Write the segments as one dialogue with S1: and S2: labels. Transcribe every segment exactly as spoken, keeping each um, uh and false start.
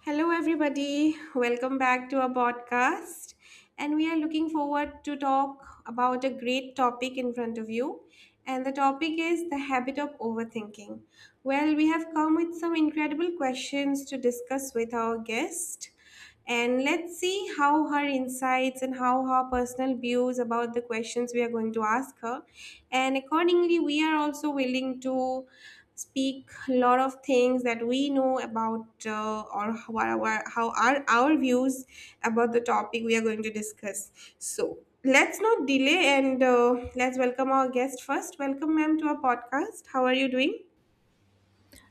S1: Hello, everybody. Welcome back to our podcast. And we are looking forward to talk about a great topic in front of you. And the topic is the habit of overthinking. Well, we have come with some incredible questions to discuss with our guest. And let's see how her insights and how her personal views about the questions we are going to ask her. And accordingly, we are also willing to speak a lot of things that we know about, uh, or how our, how are our views about the topic we are going to discuss. So let's not delay and uh, let's welcome our guest first. Welcome, ma'am, to our podcast. How are you doing?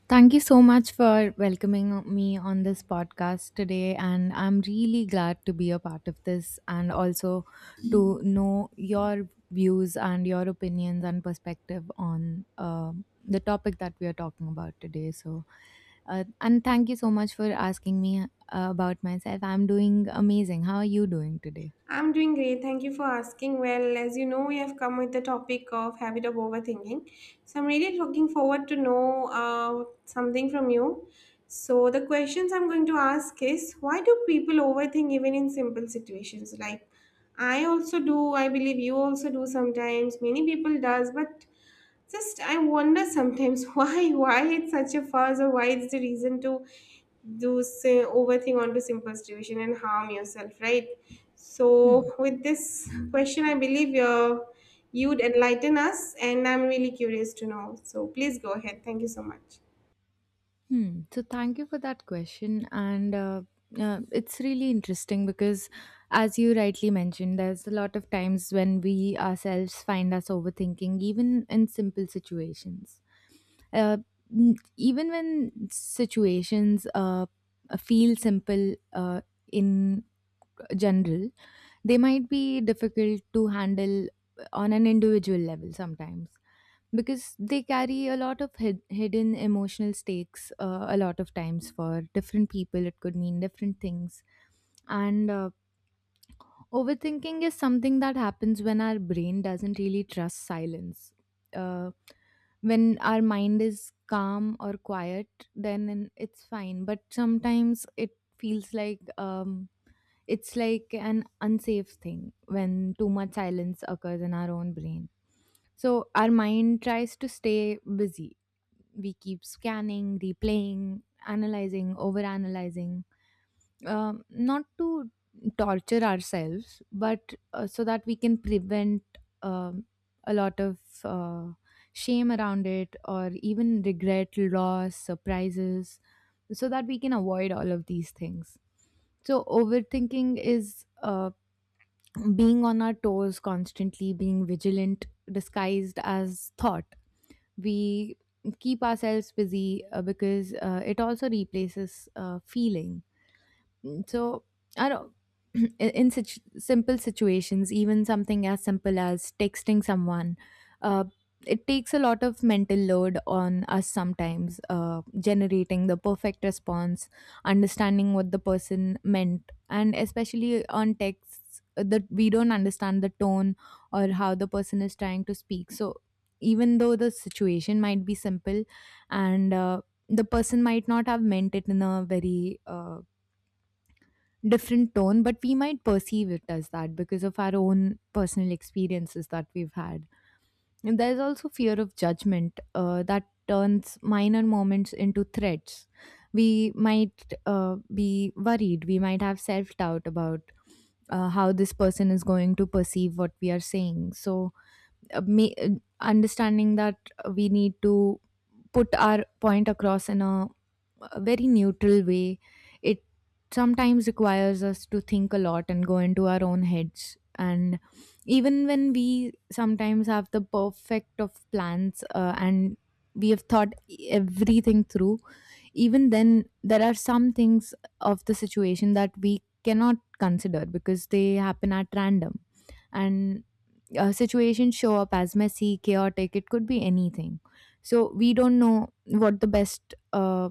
S2: Thank you so much for welcoming me on this podcast today. And I'm really glad to be a part of this and also to know your views and your opinions and perspective on um the topic that we are talking about today. So, uh, and thank you so much for asking me uh, about myself. I'm doing amazing. How are you doing today?
S1: I'm doing great. Thank you for asking. Well, as you know, we have come with the topic of habit of overthinking. So I'm really looking forward to know uh, something from you. So the questions I'm going to ask is, why do people overthink even in simple situations? Like I also do, I believe you also do sometimes. Many people does, but just I wonder sometimes why why it's such a fuss or why it's the reason to do say overthink onto simple situation and harm yourself, right? So
S2: Hmm.
S1: with this question, I believe you're, you'd enlighten us, and I'm really curious to know. So please go ahead. Thank you so much.
S2: Hmm. So thank you for that question, and uh, uh, it's really interesting because, as you rightly mentioned, there's a lot of times when we ourselves find us overthinking, even in simple situations. Uh, n- Even when situations uh, feel simple uh, in general, they might be difficult to handle on an individual level sometimes because they carry a lot of hid- hidden emotional stakes uh, a lot of times for different people it could mean different things, and uh, overthinking is something that happens when our brain doesn't really trust silence. Uh, when our mind is calm or quiet, then it's fine, but sometimes it feels like, um, it's like an unsafe thing when too much silence occurs in our own brain. So our mind tries to stay busy. We keep scanning, replaying, analyzing, overanalyzing, um, not to torture ourselves, but uh, so that we can prevent um a lot of uh, shame around it, or even regret, loss, surprises, so that we can avoid all of these things. So, overthinking is uh, being on our toes constantly, being vigilant, disguised as thought. We keep ourselves busy uh, because uh, it also replaces uh, feeling. So I don't. In in such simple situations, even something as simple as texting someone, uh, it takes a lot of mental load on us sometimes. Uh, generating the perfect response, understanding what the person meant, and especially on texts uh, that we don't understand the tone or how the person is trying to speak. So even though the situation might be simple, and uh, the person might not have meant it in a very uh, different tone, but we might perceive it as that because of our own personal experiences that we've had. And there's also fear of judgment uh, that turns minor moments into threats. We might uh, be worried, we might have self doubt about uh, how this person is going to perceive what we are saying. So, uh, ma- uh, understanding that we need to put our point across in a a very neutral way. It sometimes requires us to think a lot and go into our own heads. And even when we sometimes have the perfect of plans uh, and we have thought everything through, even then, there are some things of the situation that we cannot consider because they happen at random. And uh, situations show up as messy, chaotic, it could be anything. So we don't know what the best uh,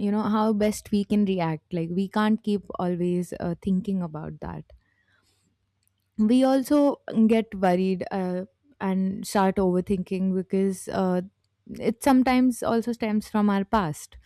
S2: you know how best we can react, like we can't keep always uh, thinking about that. We also get worried uh, and start overthinking because uh, it sometimes also stems from our past.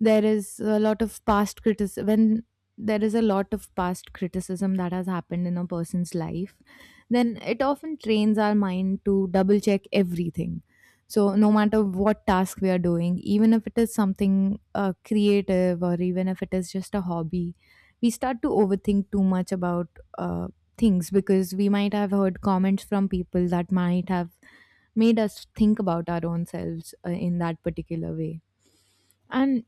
S2: there is a lot of past criticism when there is a lot of past criticism that has happened in a person's life, then it often trains our mind to double check everything. So no matter what task we are doing, even if it is something uh, creative, or even if it is just a hobby, we start to overthink too much about uh, things, because we might have heard comments from people that might have made us think about our own selves uh, in that particular way. And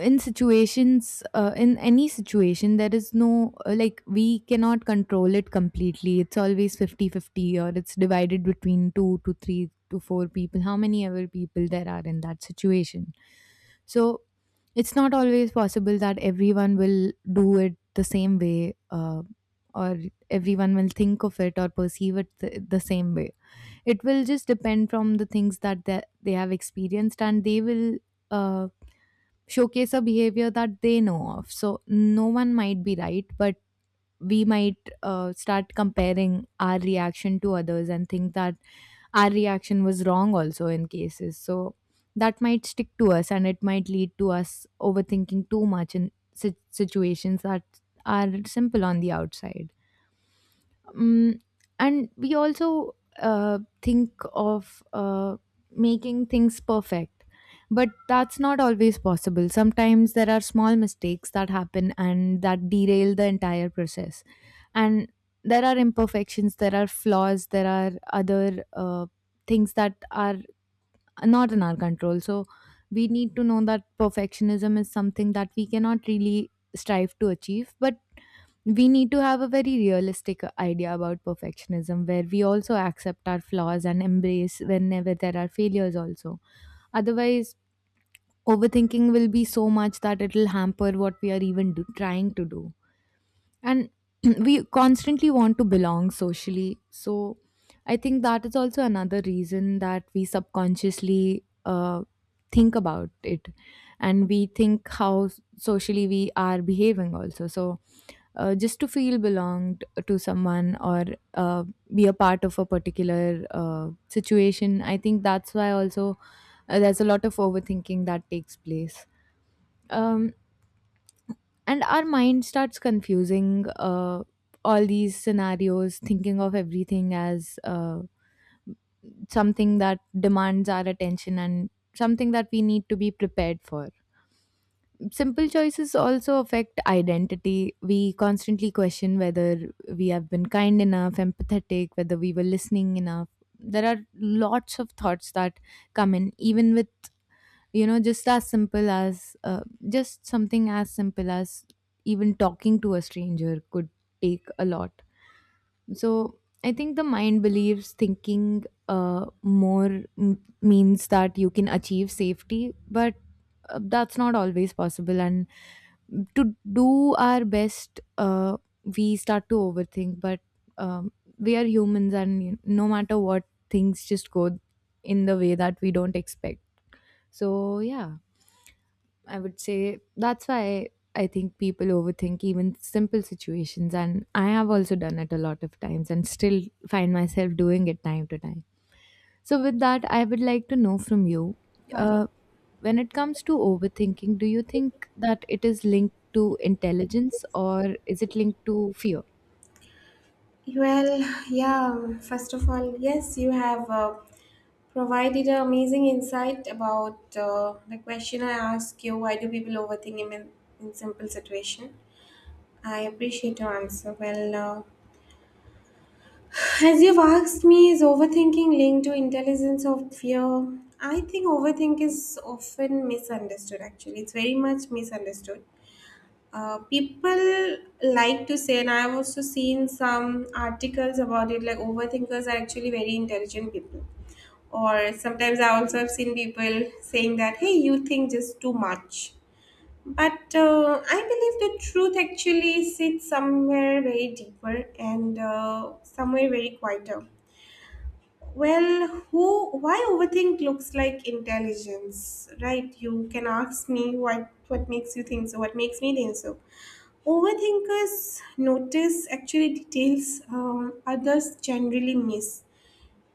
S2: in situations uh, in any situation, there is no, uh, like, we cannot control it completely, it's always fifty fifty, or it's divided between two to three to four people, how many ever people there are in that situation. So it's not always possible that everyone will do it the same way uh, or everyone will think of it or perceive it th- the same way. It will just depend from the things that they, they have experienced, and they will uh, showcase a behavior that they know of. So no one might be right, but we might uh, start comparing our reaction to others and think that our reaction was wrong also in cases. So that might stick to us and it might lead to us overthinking too much in si- situations that are simple on the outside. Mm, and we also uh, think of uh, making things perfect, but that's not always possible. Sometimes there are small mistakes that happen and that derail the entire process, and there are imperfections, there are flaws, there are other uh, things that are not in our control. So we need to know that perfectionism is something that we cannot really strive to achieve, but we need to have a very realistic idea about perfectionism, where we also accept our flaws and embrace whenever there are failures also. Otherwise, overthinking will be so much that it will hamper what we are even do- trying to do. And we constantly want to belong socially, so I think that is also another reason that we subconsciously uh, think about it, and we think how s- socially we are behaving also. So uh, just to feel belonged to someone, or uh, be a part of a particular uh, situation, I think that's why also uh, there's a lot of overthinking that takes place. Um, and our mind starts confusing uh, all these scenarios, thinking of everything as uh, something that demands our attention and something that we need to be prepared for. Simple choices also affect identity. We constantly question whether we have been kind enough, empathetic, whether we were listening enough. There are lots of thoughts that come in, even with you know just as simple as uh, just something as simple as even talking to a stranger could take a lot. So I think the mind believes thinking uh, more m- means that you can achieve safety, but uh, that's not always possible. And to do our best uh, we start to overthink, but um, we are humans, and you, no matter what, things just go in the way that we don't expect. So, yeah, I would say that's why I think people overthink even simple situations. And I have also done it a lot of times and still find myself doing it time to time. So, with that, I would like to know from you
S1: Got it.
S2: uh, when it comes to overthinking, do you think that it is linked to intelligence, or is it linked to fear?
S1: Well, yeah, first of all, yes, you have uh, provided an amazing insight about uh, the question I asked you, why do people overthink in, in simple situation? I appreciate your answer. Well, uh, as you've asked me, is overthinking linked to intelligence or fear? I think overthink is often misunderstood, actually. It's very much misunderstood. Uh, people like to say, and I've also seen some articles about it, like overthinkers are actually very intelligent people. Or sometimes I also have seen people saying that, hey, you think just too much. But uh, I believe the truth actually sits somewhere very deeper and uh, somewhere very quieter. Well, who, why overthink looks like intelligence, right? You can ask me, what, what makes you think so, what makes me think so? Overthinkers notice actually details um, others generally miss.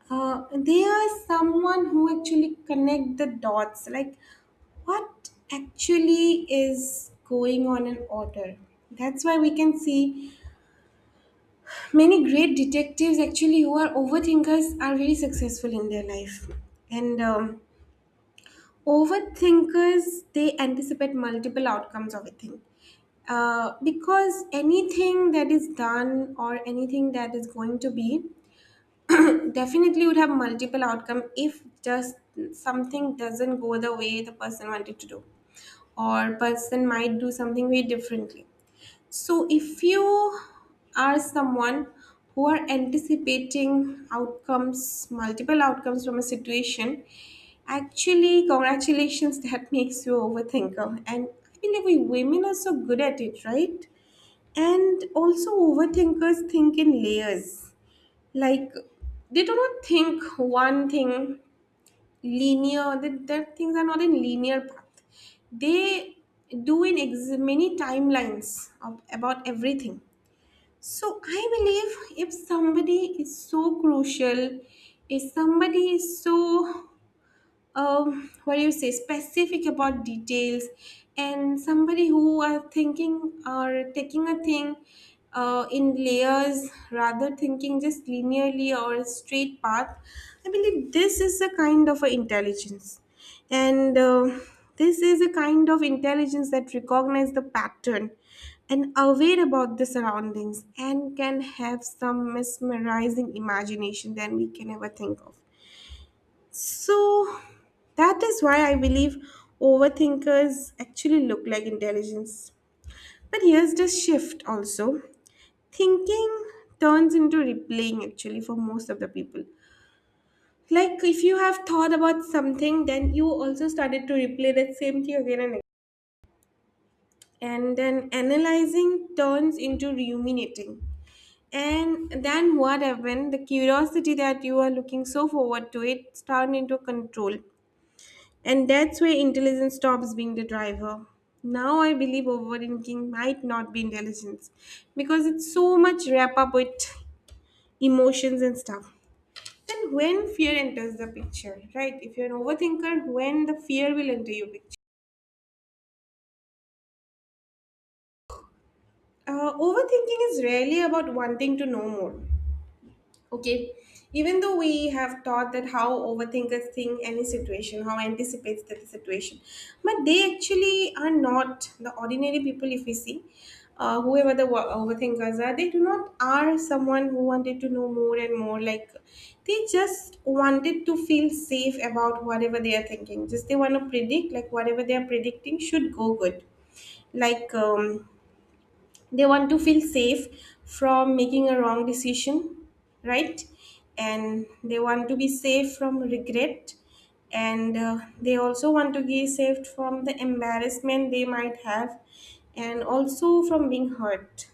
S1: Uh, they are someone who actually connect the dots, like what actually is going on in order. That's why we can see many great detectives actually who are overthinkers are really successful in their life. And um, overthinkers, they anticipate multiple outcomes of a thing. Uh, because anything that is done or anything that is going to be definitely would have multiple outcome, if just something doesn't go the way the person wanted to do, or person might do something way differently. So if you are someone who are anticipating outcomes, multiple outcomes from a situation, actually congratulations, that makes you overthinker, and I believe we women are so good at it, right? And also, overthinkers think in layers. Like, they do not think one thing linear, that, that things are not in linear path. They do in ex- many timelines of, about everything. So, I believe if somebody is so crucial, if somebody is so um, what do you say, specific about details, and somebody who are thinking or taking a thing uh, in layers rather thinking just linearly or a straight path. I believe this is a kind of a intelligence, and uh, this is a kind of intelligence that recognize the pattern and aware about the surroundings and can have some mesmerizing imagination than we can ever think of. So that is why I believe overthinkers actually look like intelligence. But here's the shift also. Thinking turns into replaying actually for most of the people. Like if you have thought about something, then you also started to replay that same thing again and again. And then analyzing turns into ruminating. And then what happened? The curiosity that you are looking so forward to it turned into control. And that's where intelligence stops being the driver. Now I believe overthinking might not be intelligence because it's so much wrap up with emotions and stuff. And when fear enters the picture, right? If you're an overthinker, when the fear will enter your picture. Uh, overthinking is rarely about wanting to know more. Okay. Even though we have taught that how overthinkers think any situation, how anticipates that the situation, but they actually are not the ordinary people. If we see, uh, whoever the wo- overthinkers are, they do not are someone who wanted to know more and more. Like they just wanted to feel safe about whatever they are thinking. Just they want to predict like whatever they are predicting should go good. Like um, they want to feel safe from making a wrong decision, right? And they want to be safe from regret, and uh, they also want to be safe from the embarrassment they might have, and also from being hurt.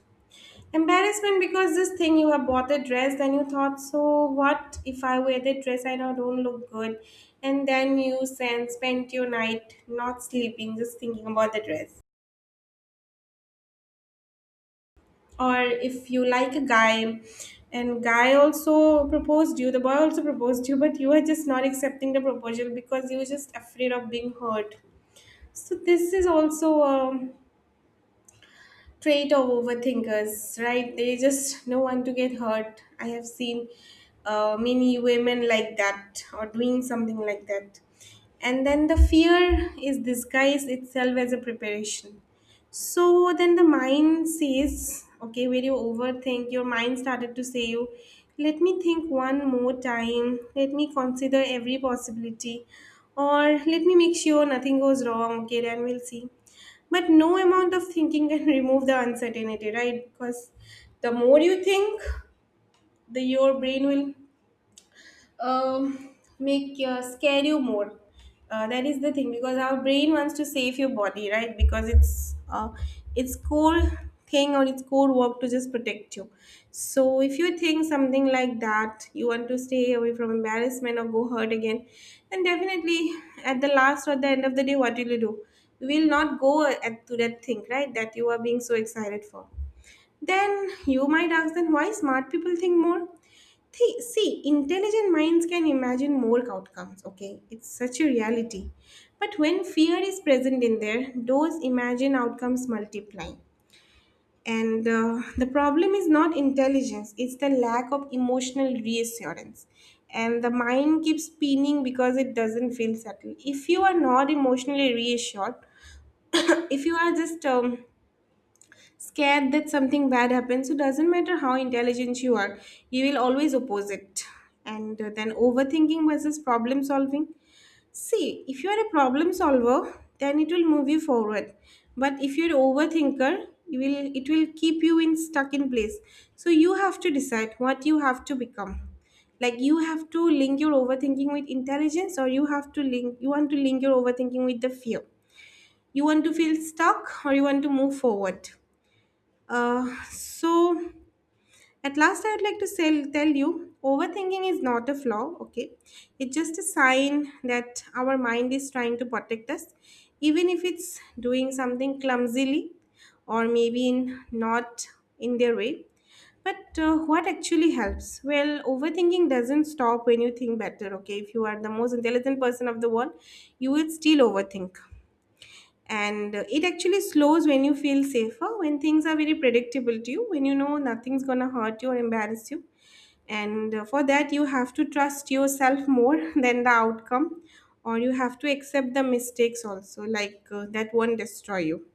S1: Embarrassment, because this thing, you have bought the dress, then you thought, so what if I wear the dress, I know don't look good, and then you sen- spent your night not sleeping, just thinking about the dress. Or if you like a guy, and guy also proposed you, the boy also proposed you, but you are just not accepting the proposal because you were just afraid of being hurt. So this is also um, trait of overthinkers, right? They just don't want to get hurt. I have seen uh, many women like that, or doing something like that. And then the fear is disguised itself as a preparation. So then the mind says, okay, when you overthink, your mind started to say you, let me think one more time, let me consider every possibility, or let me make sure nothing goes wrong, okay, then we'll see. But no amount of thinking can remove the uncertainty, right? Because the more you think, the your brain will um, make your scare you more. Uh, that is the thing, because our brain wants to save your body, right? Because it's uh, it's core thing or it's core work to just protect you. So if you think something like that, you want to stay away from embarrassment or go hurt again, then definitely at the last or the end of the day, what will you do? You will not go at, to that thing, right? That you are being so excited for. Then you might ask, then why smart people think more? Thi- See, intelligent minds can imagine more outcomes, okay? It's such a reality. But when fear is present in there, those imagined outcomes multiply. And uh, the problem is not intelligence, it's the lack of emotional reassurance. And the mind keeps spinning because it doesn't feel settled. If you are not emotionally reassured, if you are just um, scared that something bad happens. So doesn't matter how intelligent you are, you will always oppose it. And uh, then overthinking versus problem solving. See, if you are a problem solver, then it will move you forward. But if you're overthinker, you will it will keep you in stuck in place. So you have to decide what you have to become. Like you have to link your overthinking with intelligence, or you have to link you want to link your overthinking with the fear. You want to feel stuck, or you want to move forward. Uh, so at last, I'd like to sell, tell you, overthinking is not a flaw, okay. It's just a sign that our mind is trying to protect us, even if it's doing something clumsily, or maybe in not in their way. But uh, what actually helps? Well, overthinking doesn't stop when you think better, okay? If you are the most intelligent person of the world, you will still overthink, and uh, it actually slows when you feel safer, when things are very predictable to you, when you know nothing's going to hurt you or embarrass you. And uh, for that you have to trust yourself more than the outcome, or you have to accept the mistakes also, like uh, that won't destroy you.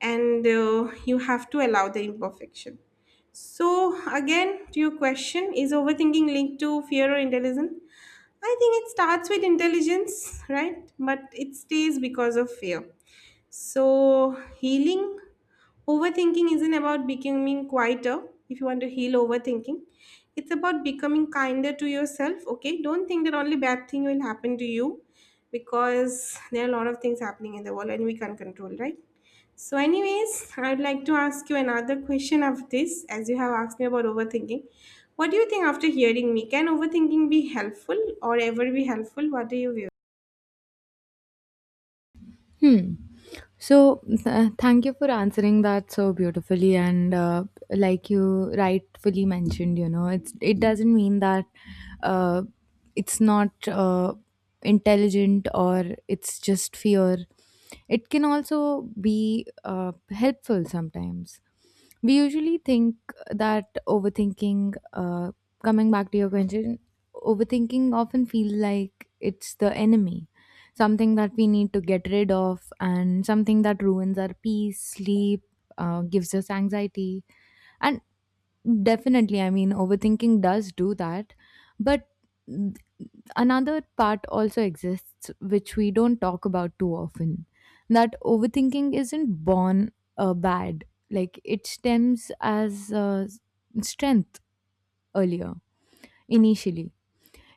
S1: And uh, you have to allow the imperfection. So again, to your question, is overthinking linked to fear or intelligence? I think it starts with intelligence, right? But it stays because of fear. So, healing overthinking isn't about becoming quieter. If you want to heal overthinking, it's about becoming kinder to yourself. Okay, don't think that only bad thing will happen to you, because there are a lot of things happening in the world and we can't control, right? So, anyways, I would like to ask you another question of this, as you have asked me about overthinking. What do you think after hearing me? Can overthinking be helpful or ever be helpful? What do you view?
S2: Hmm. So, th- uh, thank you for answering that so beautifully. And uh, like you rightfully mentioned, you know, it's it doesn't mean that uh, it's not uh, intelligent, or it's just fear. It can also be uh, helpful sometimes. We usually think that overthinking uh, coming back to your question, overthinking often feels like it's the enemy, something that we need to get rid of, and something that ruins our peace, sleep uh, gives us anxiety. And definitely, I mean, overthinking does do that. But another part also exists which we don't talk about too often, that overthinking isn't born uh, bad. Like, it stems as uh, s- strength earlier, initially.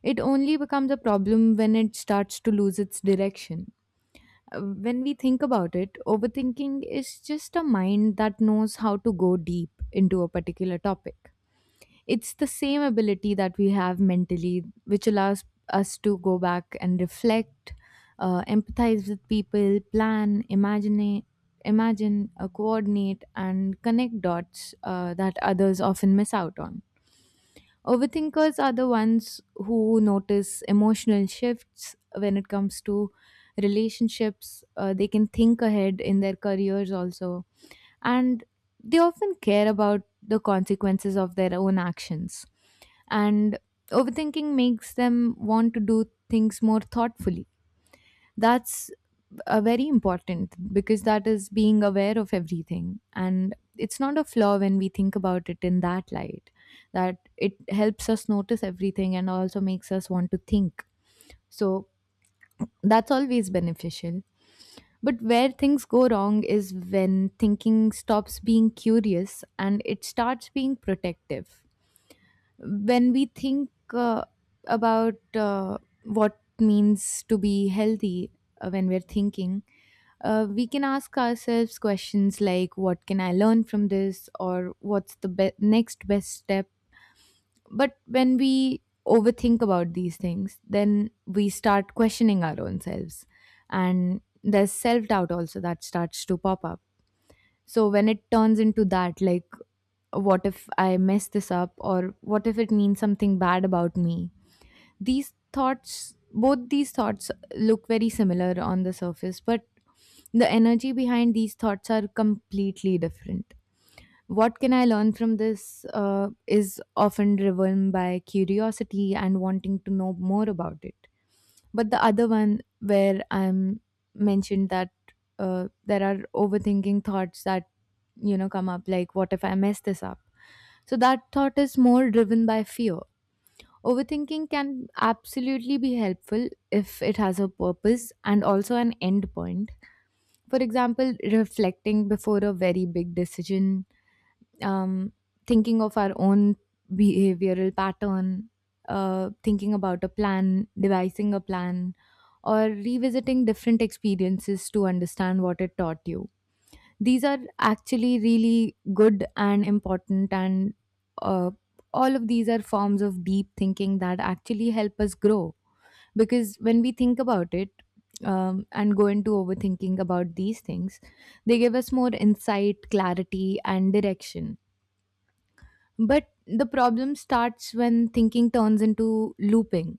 S2: It only becomes a problem when it starts to lose its direction. Uh, when we think about it, overthinking is just a mind that knows how to go deep into a particular topic. It's the same ability that we have mentally, which allows us to go back and reflect, uh, empathize with people, plan, imagine, imagine, uh, coordinate, and connect dots uh, that others often miss out on. Overthinkers are the ones who notice emotional shifts when it comes to relationships. Uh, they can think ahead in their careers also, and they often care about the consequences of their own actions. And overthinking makes them want to do things more thoughtfully. That's uh, very important, because that is being aware of everything. And it's not a flaw when we think about it in that light, that it helps us notice everything and also makes us want to think. So that's always beneficial. But where things go wrong is when thinking stops being curious and it starts being protective. When we think uh, about uh, what means to be healthy uh, when we're thinking, uh, we can ask ourselves questions like, what can I learn from this, or what's the be- next best step? But when we overthink about these things, then we start questioning our own selves. And there's self doubt also that starts to pop up. So when it turns into that, like, what if I mess this up? Or what if it means something bad about me? These thoughts, both these thoughts look very similar on the surface, but the energy behind these thoughts are completely different. What can I learn from this uh, is often driven by curiosity and wanting to know more about it. But the other one, where I'm mentioned that uh, there are overthinking thoughts that you know come up, like what if I mess this up? So that thought is more driven by fear. Overthinking can absolutely be helpful if it has a purpose and also an end point. For example, reflecting before a very big decision, um, thinking of our own behavioral pattern, uh, thinking about a plan, devising a plan, or revisiting different experiences to understand what it taught you. These are actually really good and important, and uh, all of these are forms of deep thinking that actually help us grow. Because when we think about it um, and go into overthinking about these things, they give us more insight, clarity, and direction, but the problem starts when thinking turns into looping.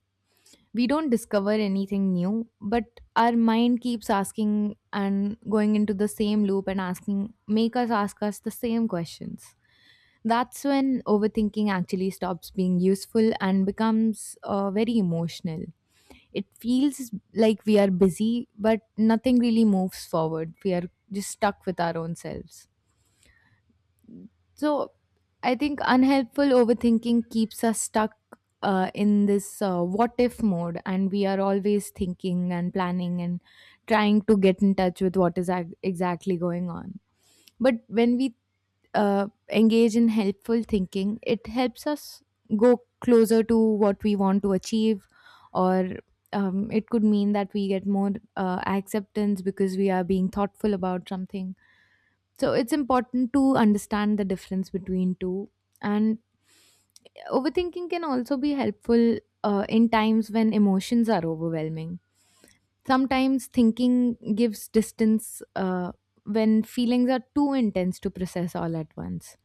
S2: We don't discover anything new, but our mind keeps asking and going into the same loop and asking, make us ask us the same questions. That's when overthinking actually stops being useful and becomes uh, very emotional. It feels like we are busy, but nothing really moves forward. We are just stuck with our own selves. So I think unhelpful overthinking keeps us stuck uh, in this uh, what if mode, and we are always thinking and planning and trying to get in touch with what is ac- exactly going on. But when we uh, engage in helpful thinking, it helps us go closer to what we want to achieve, or um, it could mean that we get more uh, acceptance because we are being thoughtful about something, so it's important to understand the difference between two. And overthinking can also be helpful uh, in times when emotions are overwhelming. Sometimes thinking gives distance uh, when feelings are too intense to process all at once.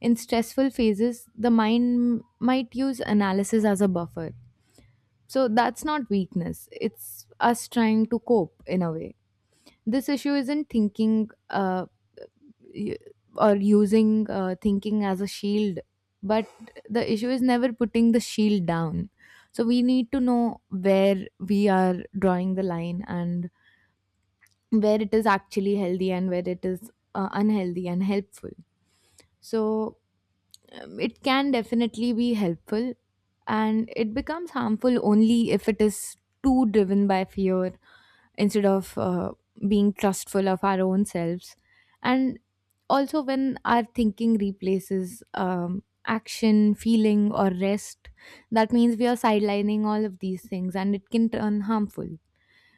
S2: In stressful phases, the mind might use analysis as a buffer. So that's not weakness, it's us trying to cope in a way. This issue isn't thinking. Uh, y- or using uh, thinking as a shield, but the issue is never putting the shield down. So we need to know where we are drawing the line and where it is actually healthy and where it is uh, unhealthy and helpful. So um, it can definitely be helpful, and it becomes harmful only if it is too driven by fear instead of uh, being trustful of our own selves, and also when our thinking replaces um, action, feeling or rest. That means we are sidelining all of these things and it can turn harmful.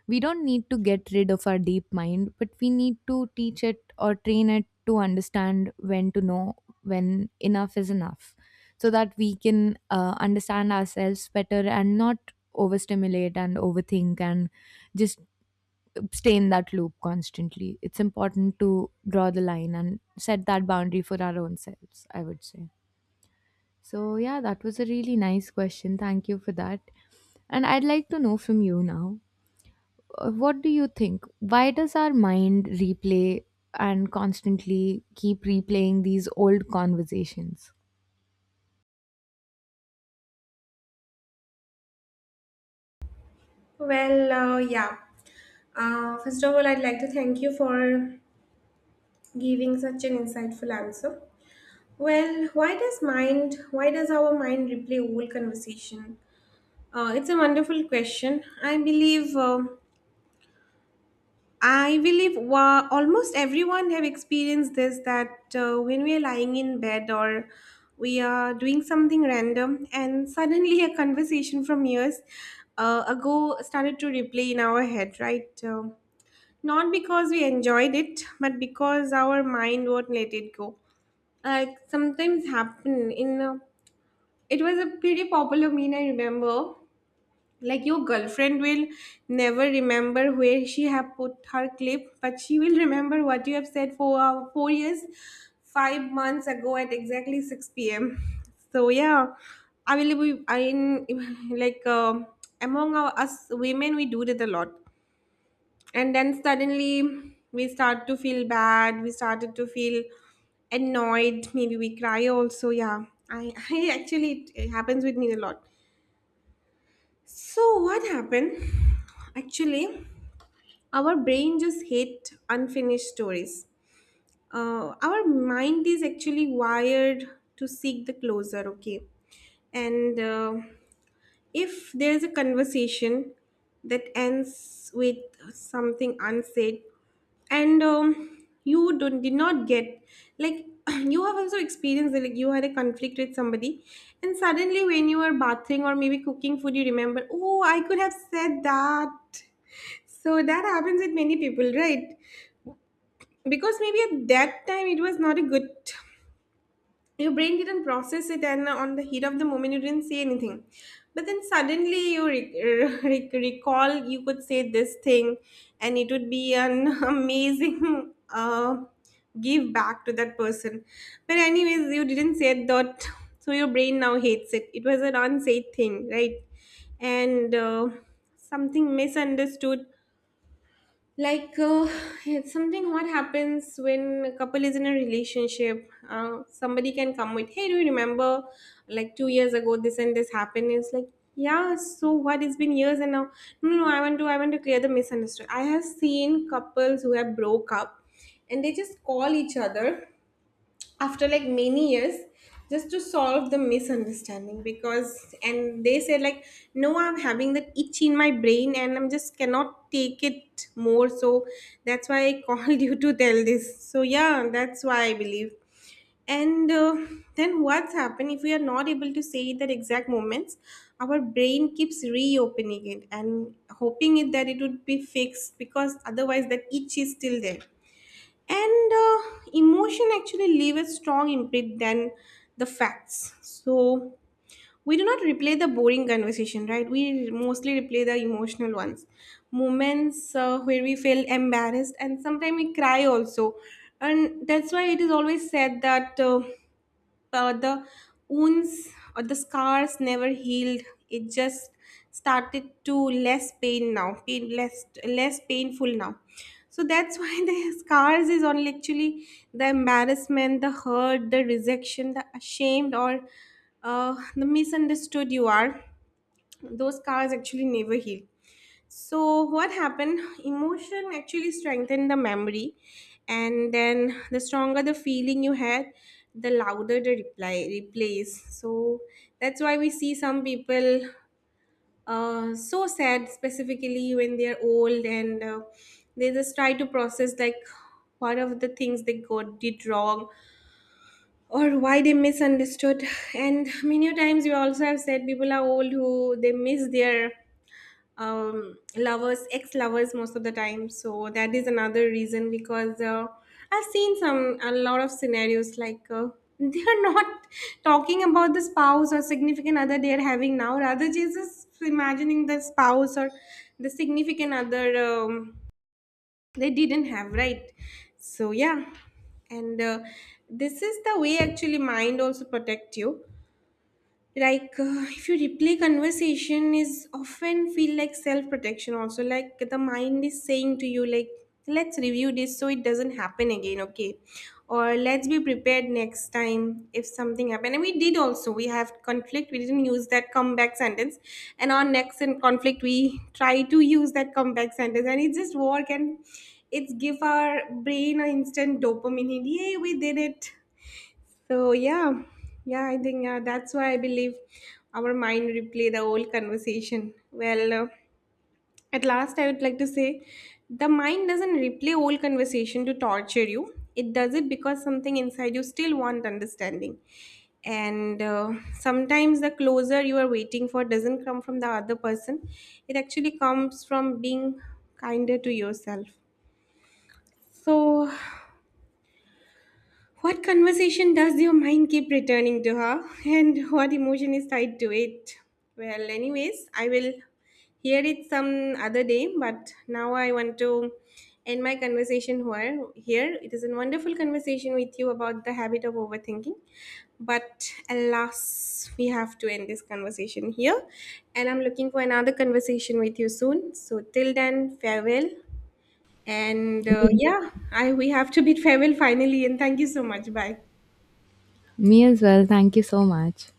S2: We don't need to get rid of our deep mind, but we need to teach it or train it to understand when to know when enough is enough, so that we can uh, understand ourselves better and not overstimulate and overthink and just stay in that loop constantly. It's important to draw the line and set that boundary for our own selves, I would say. So, yeah, that was a really nice question. Thank you for that. And I'd like to know from you now, uh, what do you think? Why does our mind replay and constantly keep replaying these old conversations?
S1: Well, uh, yeah. Uh, first of all, I'd like to thank you for giving such an insightful answer. Well, why does mind, why does our mind replay old conversation? Uh, it's a wonderful question. I believe, uh, I believe wa- almost everyone have experienced this that uh, when we are lying in bed or we are doing something random, and suddenly a conversation from years uh, ago started to replay in our head, right? Um not because we enjoyed it, but because our mind won't let it go, like sometimes happen in a, it was a pretty popular meme, I remember, like your girlfriend will never remember where she have put her clip, but she will remember what you have said for uh, four years five months ago at exactly six p.m. So yeah, I will I in like um among our, us women, we do it a lot. And then suddenly we start to feel bad, we started to feel annoyed, maybe we cry also, yeah. i, I actually it, it happens with me a lot. So what happened actually, our brain just hate unfinished stories. Uh, our mind is actually wired to seek the closer, okay. And uh, if there's a conversation that ends with something unsaid, and um, you don't did not get, like you have also experienced that, like you had a conflict with somebody, and suddenly when you are bathing or maybe cooking food, you remember, oh, I could have said that. So that happens with many people, right? Because maybe at that time it was not a good, your brain didn't process it, and uh, on the heat of the moment you didn't say anything, but then suddenly you re- re- recall you could say this thing, and it would be an amazing uh, give back to that person. But anyways, you didn't say that, so your brain now hates it, it was an unsaid thing, right? and uh, Something misunderstood, like uh, it's something what happens when a couple is in a relationship. Uh, somebody can come with, hey, do you remember like two years ago this and this happened? It's like, yeah, so what? It's been years. And now, no, no, i want to I want to clear the misunderstanding. I have seen couples who have broke up and they just call each other after like many years, just to solve the misunderstanding, because and they said like, no, I'm having that itch in my brain and I'm just cannot take it more. So that's why I called you to tell this. So yeah, that's why I believe. And uh, Then what's happened, if we are not able to say it at exact moments, our brain keeps reopening it and hoping it that it would be fixed, because otherwise that itch is still there. And uh, Emotion actually leave a strong imprint than the facts. So we do not replay the boring conversation, right? We mostly replay the emotional ones, moments uh, where we feel embarrassed, and sometimes we cry also. And that's why it is always said that, uh, uh, the wounds or the scars never healed, it just started to less pain now, pain less, less painful now. So that's why the scars is only actually the embarrassment, the hurt, the rejection, the ashamed, or uh, the misunderstood you are, those scars actually never heal. So, what happened? Emotion actually strengthened the memory, and then the stronger the feeling you had, the louder the reply replays. So that's why we see some people uh, so sad, specifically when they are old, and uh, they just try to process like what of the things they got did wrong, or why they misunderstood. And many a times we also have said people are old who they miss their um lovers, ex lovers most of the time. So that is another reason, because uh, I've seen some a lot of scenarios, like uh, they are not talking about the spouse or significant other they are having now, rather jesus imagining the spouse or the significant other um, they didn't have, right? So yeah. and uh, This is the way actually mind also protect you, like uh, if you replay conversation is often feel like self protection also, like the mind is saying to you like, let's review this so it doesn't happen again, okay? Or let's be prepared next time if something happened. And we did also, we have conflict, we didn't use that comeback sentence, and on next in conflict we try to use that comeback sentence and it just work, and it's give our brain an instant dopamine hit. Yay, we did it. So yeah, yeah, I think uh, that's why I believe our mind replay the whole conversation. Well, uh, at last, I would like to say, the mind doesn't replay whole conversation to torture you. It does it because something inside you still want understanding. And uh, sometimes the closer you are waiting for doesn't come from the other person. It actually comes from being kinder to yourself. So what conversation does your mind keep returning to her, and what emotion is tied to it? Well, anyways, I will hear it some other day, but now I want to end my conversation here. Here, it is a wonderful conversation with you about the habit of overthinking, but alas, we have to end this conversation here, and I'm looking for another conversation with you soon. So, till then, farewell. and uh,
S2: Me
S1: yeah, I we have to bid farewell finally. And thank you so much. Bye.
S2: me as well. Thank you so much.